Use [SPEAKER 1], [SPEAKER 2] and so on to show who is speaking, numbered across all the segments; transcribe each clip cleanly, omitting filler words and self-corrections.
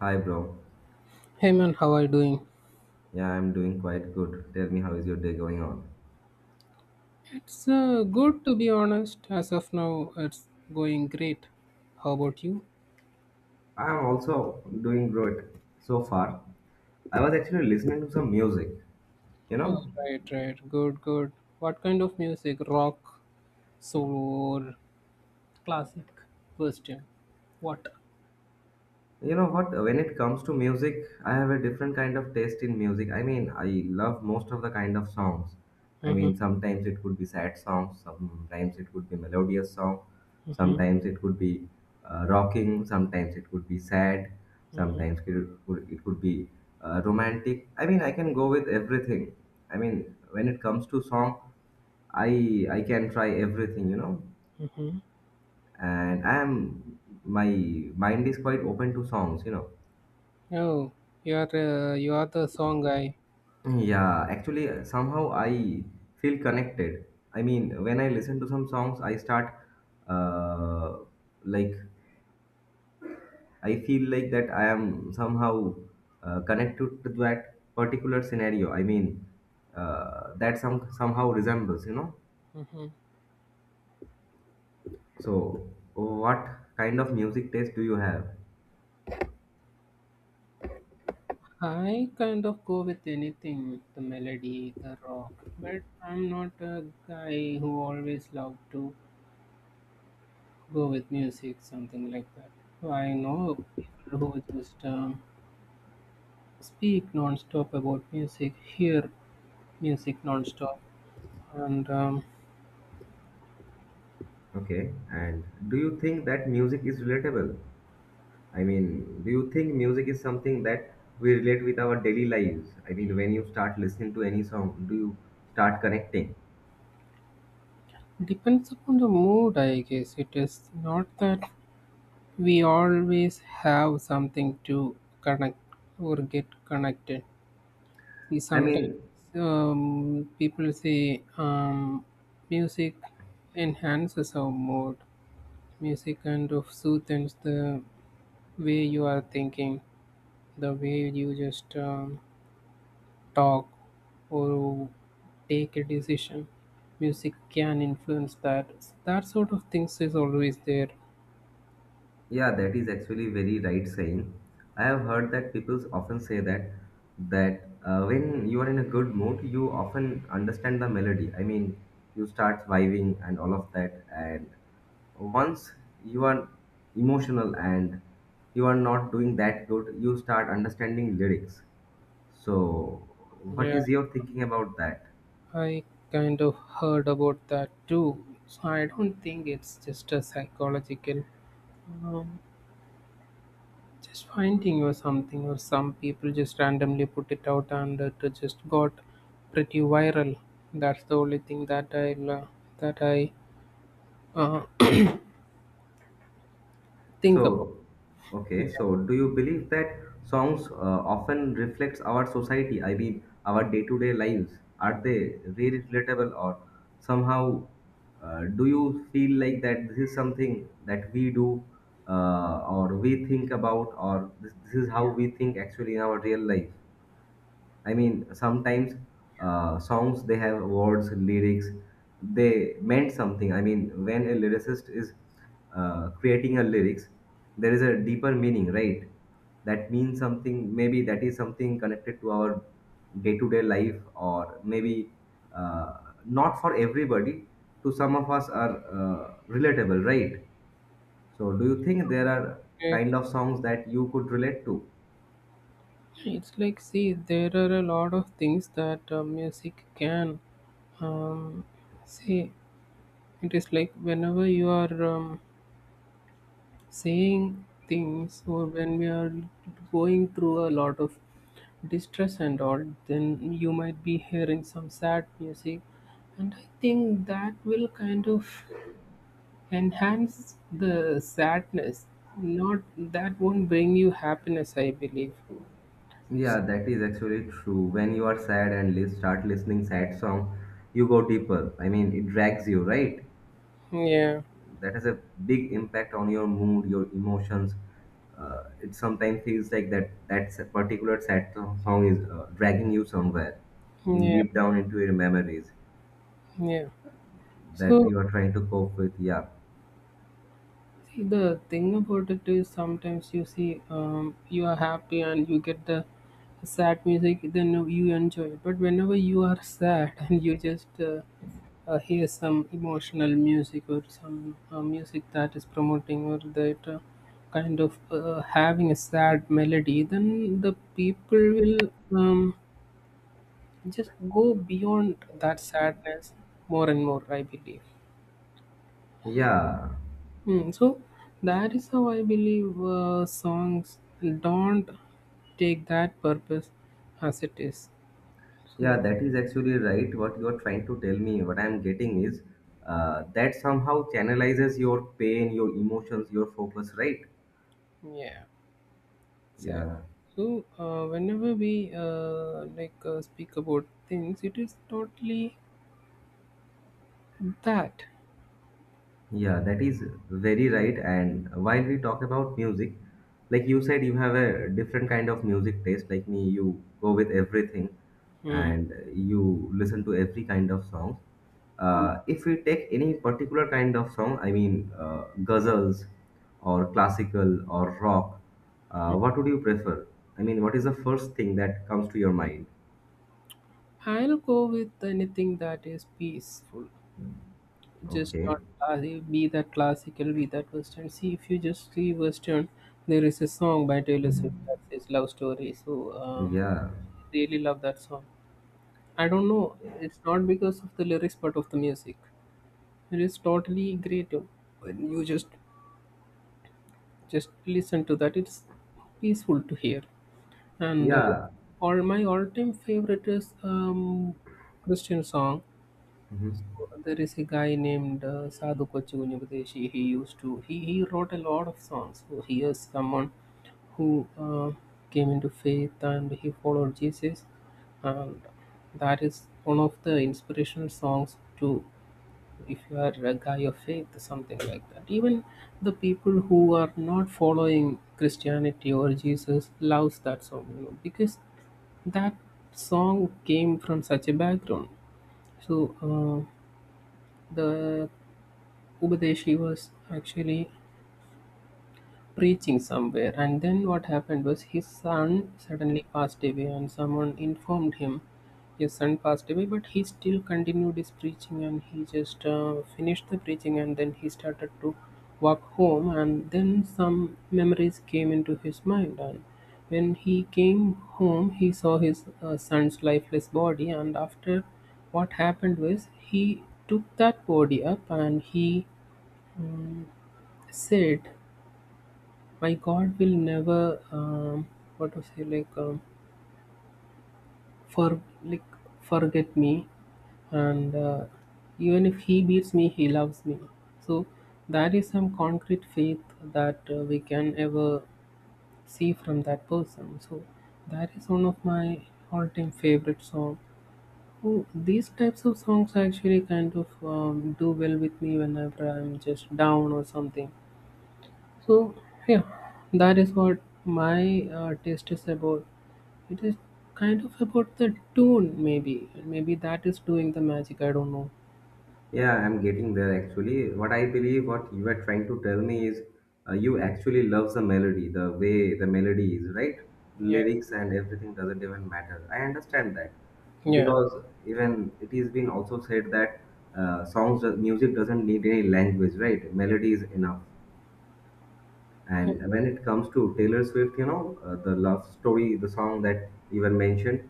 [SPEAKER 1] Hi, bro.
[SPEAKER 2] Hey man, how are you doing?
[SPEAKER 1] Yeah, I'm doing quite good. Tell me, how is your day going on?
[SPEAKER 2] It's good to be honest. As of now, it's going great. How about you?
[SPEAKER 1] I'm also doing great so far. I was actually listening to some music, you
[SPEAKER 2] Oh,
[SPEAKER 1] know,
[SPEAKER 2] right, right. Good, good. What kind of music? Rock, soul, classic, Western. What?
[SPEAKER 1] you know what? When it comes to music, I have a different kind of taste in music. I mean, I love most of the kind of songs. I
[SPEAKER 2] Mm-hmm,
[SPEAKER 1] mean, sometimes it could be sad songs, sometimes it could be melodious song,
[SPEAKER 2] mm-hmm,
[SPEAKER 1] sometimes it could be rocking, sometimes it could be sad, sometimes it could be romantic. I mean, I can go with everything. I mean, when it comes to song, I can try everything,
[SPEAKER 2] mm-hmm.
[SPEAKER 1] and I am my mind is quite open to songs.
[SPEAKER 2] Oh, you're you are the song guy.
[SPEAKER 1] Yeah, actually, somehow I feel connected. I mean, when I listen to some songs, I start uh, like I feel like that I am somehow connected to that particular scenario. I mean, that somehow resembles.
[SPEAKER 2] Mm-hmm.
[SPEAKER 1] So, what kind of music taste do you have?
[SPEAKER 2] I kind of go with anything, the melody, the rock, but I'm not a guy who always love to go with music, something like that. So I know people who just speak non-stop about music, hear music non-stop, and
[SPEAKER 1] Okay, and do you think that music is relatable? I mean, do you think music is something that we relate with our daily lives? I mean, when you start listening to any song, do you start connecting?
[SPEAKER 2] depends upon the mood, I guess. It is not that we always have something to connect or get connected. See,
[SPEAKER 1] I
[SPEAKER 2] sometimes
[SPEAKER 1] mean,
[SPEAKER 2] people say music enhances our mood. Music kind of soothes the way you are thinking, the way you just talk or take a decision. Music can influence that. That sort of things is always there.
[SPEAKER 1] yeah, that is actually very right saying. I have heard that people often say that when you are in a good mood, you often understand the melody. I mean, you start vibing and all of that, and once you are emotional and you are not doing that good, you start understanding lyrics. So, what
[SPEAKER 2] Yeah,
[SPEAKER 1] is your thinking about that?
[SPEAKER 2] I kind of heard about that too, so I don't think it's just a psychological um, just finding or something, or some people just randomly put it out and it just got pretty viral. That's the only thing that I that i uh, think about.
[SPEAKER 1] So, okay, so do you believe that songs often reflects our society? I mean, our day-to-day lives. Are they really relatable, or somehow do you feel like that this is something that we do, or we think about, or this is how we think actually in our real life? I mean, sometimes songs they have words, lyrics, they meant something. I mean, when a lyricist is creating a lyrics, there is a deeper meaning, right? That means something. Maybe that is something connected to our day-to-day life, or maybe uh, not for everybody. To some of us are relatable, right? So, do you think there are
[SPEAKER 2] Okay?
[SPEAKER 1] kind of songs that you could relate to?
[SPEAKER 2] It's like, see, there are a lot of things that music can um, say. It is like whenever you are saying things, or when we are going through a lot of distress and all, then you might be hearing some sad music. And I think that will kind of enhance the sadness. Not that won't bring you happiness, I believe.
[SPEAKER 1] Yeah, that is actually true. When you are sad and start listening sad song, you go deeper. I mean, it drags you, right?
[SPEAKER 2] Yeah,
[SPEAKER 1] That has a big impact on your mood, your emotions. It sometimes feels like that that particular sad song is dragging you somewhere, in
[SPEAKER 2] yeah,
[SPEAKER 1] deep down into your memories
[SPEAKER 2] yeah.
[SPEAKER 1] that
[SPEAKER 2] So,
[SPEAKER 1] you are trying to cope with. Yeah,
[SPEAKER 2] see, the thing about it is, sometimes you see, you are happy and you get the sad music, then you enjoy it. But whenever you are sad and you just hear some emotional music, or some music that is promoting, or that kind of having a sad melody, then the people will um, just go beyond that sadness more and more, I believe.
[SPEAKER 1] yeah.
[SPEAKER 2] So that is how I believe songs don't take that purpose as it is.
[SPEAKER 1] Yeah,
[SPEAKER 2] So
[SPEAKER 1] that is actually right. What you are trying to tell me, what I'm getting is that somehow channelizes your pain, your emotions, your focus, right?
[SPEAKER 2] yeah, exactly.
[SPEAKER 1] Yeah.
[SPEAKER 2] So whenever we like speak about things, it is totally that.
[SPEAKER 1] Yeah, that is very right. And while we talk about music, like you said, you have a different kind of music taste. Like me, you go with everything
[SPEAKER 2] Hmm.
[SPEAKER 1] and you listen to every kind of song.
[SPEAKER 2] Mm.
[SPEAKER 1] If we take any particular kind of song, I mean, ghazals or classical or rock, what would you prefer? I mean, what is the first thing that comes to your mind?
[SPEAKER 2] I'll go with anything that is peaceful. Just
[SPEAKER 1] Okay.
[SPEAKER 2] not classy, be that classical, be that western. See, if you just see western, there is a song by Taylor Swift that says love story. So
[SPEAKER 1] Yeah.
[SPEAKER 2] really love that song. I don't know, it's not because of the lyrics but of the music. It is totally great when you just listen to that. It's peaceful to hear. And
[SPEAKER 1] Yeah.
[SPEAKER 2] all my all-time favorite is Christian song.
[SPEAKER 1] Mhm.
[SPEAKER 2] So there is a guy named Sadhu Kochi Gunyagudeshi. He used to he wrote a lot of songs. So he is someone who came into faith and he followed Jesus, and that is one of the inspirational songs to if you are a guy of faith, something like that. Even the people who are not following Christianity or Jesus loves that song, you know, because that song came from such a background. So uh, the Upadeshi was actually preaching somewhere, and then what happened was his son suddenly passed away, and someone informed him his son passed away, but he still continued his preaching and he just finished the preaching and then he started to walk home, and then some memories came into his mind. And when he came home, he saw his son's lifeless body, and after what happened was he took that body up and he um, said, my god will never what to say like for like forget me. And even if he beats me he loves me. So that is some concrete faith that we can ever see from that person. So that is one of my all-time favorite song. Oh, these types of songs actually kind of do well with me whenever I'm just down or something. So yeah, that is what my taste is about. It is kind of about the tune, maybe. Maybe that is doing the magic. I don't know.
[SPEAKER 1] Yeah, I'm getting there actually. What I believe, what you are trying to tell me is you actually love the melody, the way the melody is, right?
[SPEAKER 2] Yeah.
[SPEAKER 1] Lyrics and everything doesn't even matter. I understand that
[SPEAKER 2] Yeah.
[SPEAKER 1] because even it is been also said that songs, music doesn't need any language, right? Melody is enough. And when it comes to Taylor Swift, the love story, the song that you were mentioned,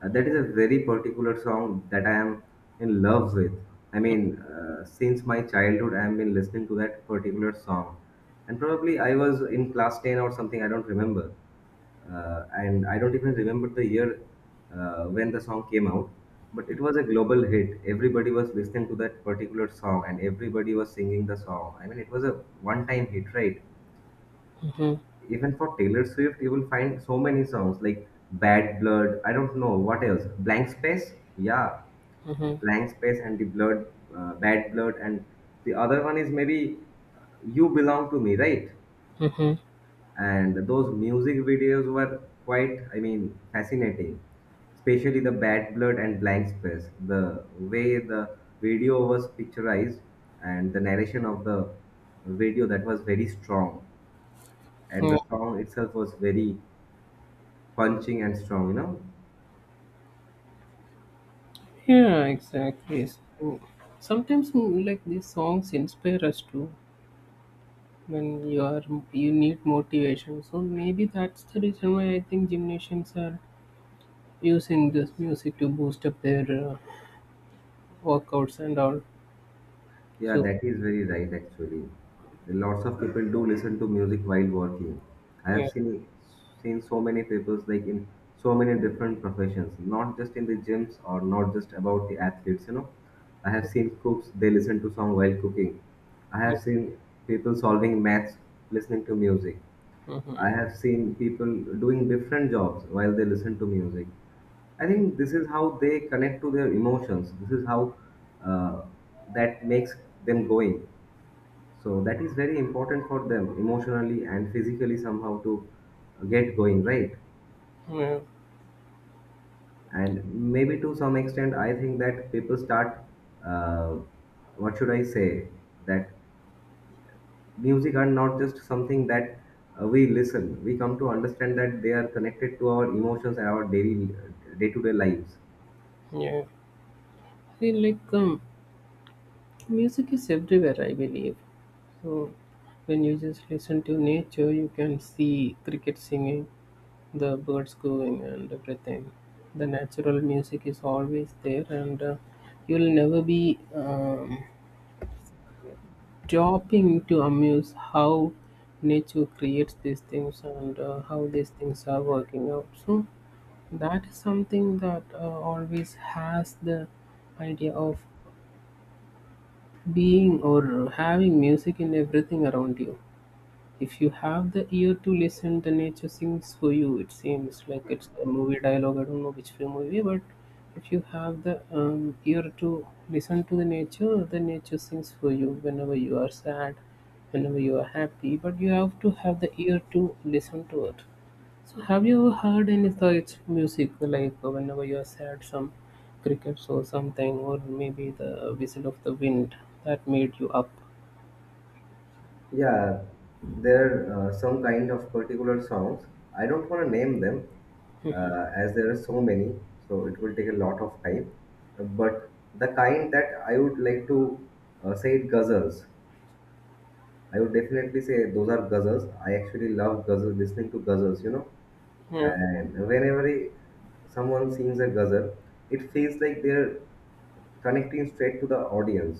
[SPEAKER 1] that is a very particular song that I am in love with. I mean, since my childhood, I have been listening to that particular song. And probably I was in class 10 or something, I don't remember. And I don't even remember the year when the song came out, but it was a global hit. Everybody was listening to that particular song and everybody was singing the song. I mean, it was a one time hit, right?
[SPEAKER 2] Hmm.
[SPEAKER 1] Even for Taylor Swift, you will find so many songs like Bad Blood. I don't know what else. Blank Space. Yeah,
[SPEAKER 2] Hmm.
[SPEAKER 1] Blank Space and the Blood, Bad Blood, and the other one is maybe You Belong to Me, right?
[SPEAKER 2] Hmm.
[SPEAKER 1] And those music videos were quite, I mean, fascinating. Especially the Bad Blood and Blank Space. The way the video was picturized and the narration of the video that was very strong, and the song itself was very punching and strong, you know?
[SPEAKER 2] Yeah, exactly. So sometimes mm, like these songs inspire us too, when you are, you need motivation. So maybe that's the reason why I think gymnasiums are using this music to boost up their uh, workouts and all.
[SPEAKER 1] Yeah,
[SPEAKER 2] So
[SPEAKER 1] that is very right actually. Lots of people do listen to music while working. I have
[SPEAKER 2] yeah.
[SPEAKER 1] seen so many people like in so many different professions, not just in the gyms or not just about the athletes, you know. I have seen cooks, they listen to song while cooking. I have seen people solving maths listening to music. I
[SPEAKER 2] Mm-hmm.
[SPEAKER 1] have seen people doing different jobs while they listen to music. I think this is how they connect to their emotions. This is how uh, that makes them going. So that is very important for them emotionally and physically somehow to get going, right?
[SPEAKER 2] Yeah,
[SPEAKER 1] And maybe to some extent, I think that people start, uh, what should I say, that music are not just something that we listen. We come to understand that they are connected to our emotions and our daily, day-to-day lives.
[SPEAKER 2] yeah. See, like, music is everywhere, I believe. So when you just listen to nature, you can see cricket singing, the birds going, and everything. The natural music is always there, and you'll never be stopping to amuse how nature creates these things and how these things are working out. So that is something that always has the idea of being or having music in everything around you. If you have the ear to listen, the nature sings for you. It seems like it's a movie dialogue. I don't know which film movie, but if you have the ear to listen to the nature sings for you whenever you are sad, whenever you are happy. But you have to have the ear to listen to it. So, have you ever heard any such music, like whenever you are sad, some crickets or something, or maybe the whistle of the wind that made you up?
[SPEAKER 1] Yeah, there are some kind of particular songs. I don't want to name them as there are so many, so it will take a lot of time. But the kind that I would like to say it ghazals. I would definitely say those are ghazals. I actually love ghazals, listening to ghazals, you know.
[SPEAKER 2] Yeah.
[SPEAKER 1] And someone sings a ghazal, it feels like they're connecting straight to the audience.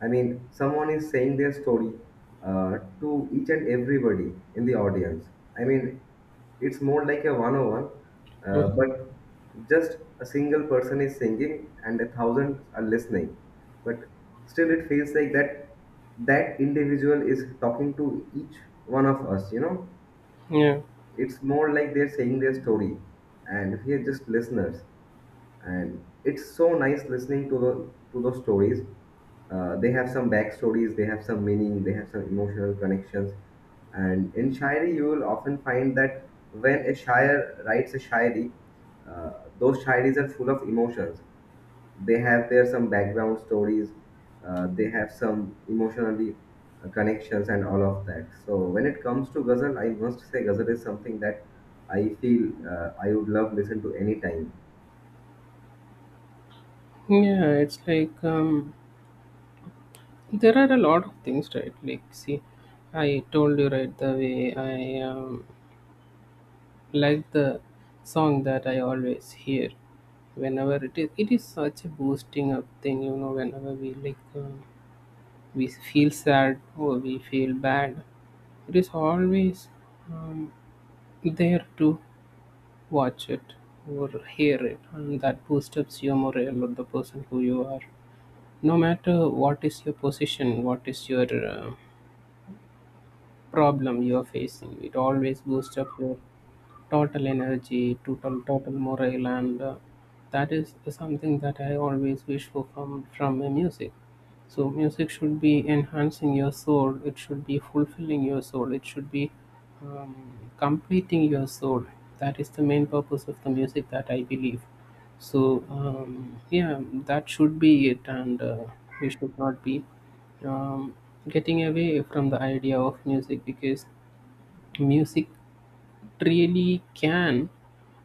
[SPEAKER 1] I mean, someone is saying their story to each and everybody in the audience. I mean, it's more like a one-on-one,
[SPEAKER 2] Mm,
[SPEAKER 1] but just a single person is singing and a thousand are listening. But still, it feels like that that individual is talking to each one of us. You know,
[SPEAKER 2] yeah.
[SPEAKER 1] it's more like they're saying their story, and we are just listeners and it's so nice listening to the to those stories they have some backstories they have some meaning they have some emotional connections and in shairi you will often find that when a shair writes a shairi uh, those shairis are full of emotions they have their some background stories they have some emotionally connections and all of that so when it comes to ghazal I must say ghazal is something that I feel I would love listen to anytime.
[SPEAKER 2] Yeah, it's like, there are a lot of things, right? Like, see, I told you right, the way I like the song that I always hear whenever it is. It is such a boosting up thing, you know. Whenever we, like, we feel sad or we feel bad, it is always um, there to watch it or hear it, and that boosts up your morale or the person who you are. No matter what is your position, what is your problem you are facing, it always boosts up your total energy, total, total morale, and that is something that I always wish for from a music. So music should be enhancing your soul. It should be fulfilling your soul. It should be um, completing your soul. That is the main purpose of the music that I believe. So yeah, that should be it, and we should not be um, getting away from the idea of music, because music really can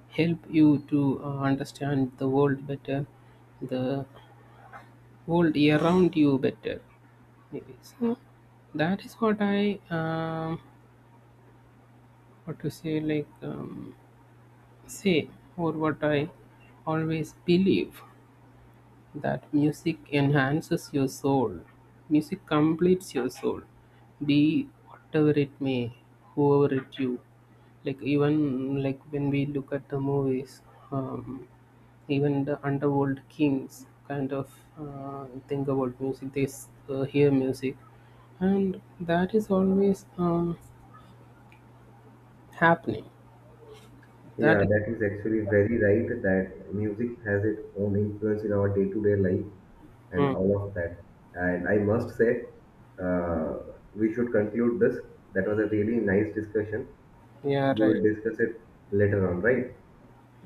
[SPEAKER 2] help you to understand the world better, the world around you better. Maybe. So that is what I what to say like say or what I always believe, that music enhances your soul. Music completes your soul, be whatever it may, whoever it you. Like, even like when we look at the movies. Um, Even the underworld kings kind of think about music. They hear music, and that is always happening. That.
[SPEAKER 1] Yeah, that is actually very right that music has its own influence in our day-to-day life and
[SPEAKER 2] Hmm.
[SPEAKER 1] all of that. And I must say, we should conclude this. That was a really nice discussion.
[SPEAKER 2] Yeah,
[SPEAKER 1] We
[SPEAKER 2] right.
[SPEAKER 1] will discuss it later on, right?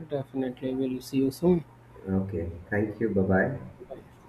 [SPEAKER 2] Definitely, we'll see you soon.
[SPEAKER 1] Okay. Thank you. Bye-bye.
[SPEAKER 2] Bye.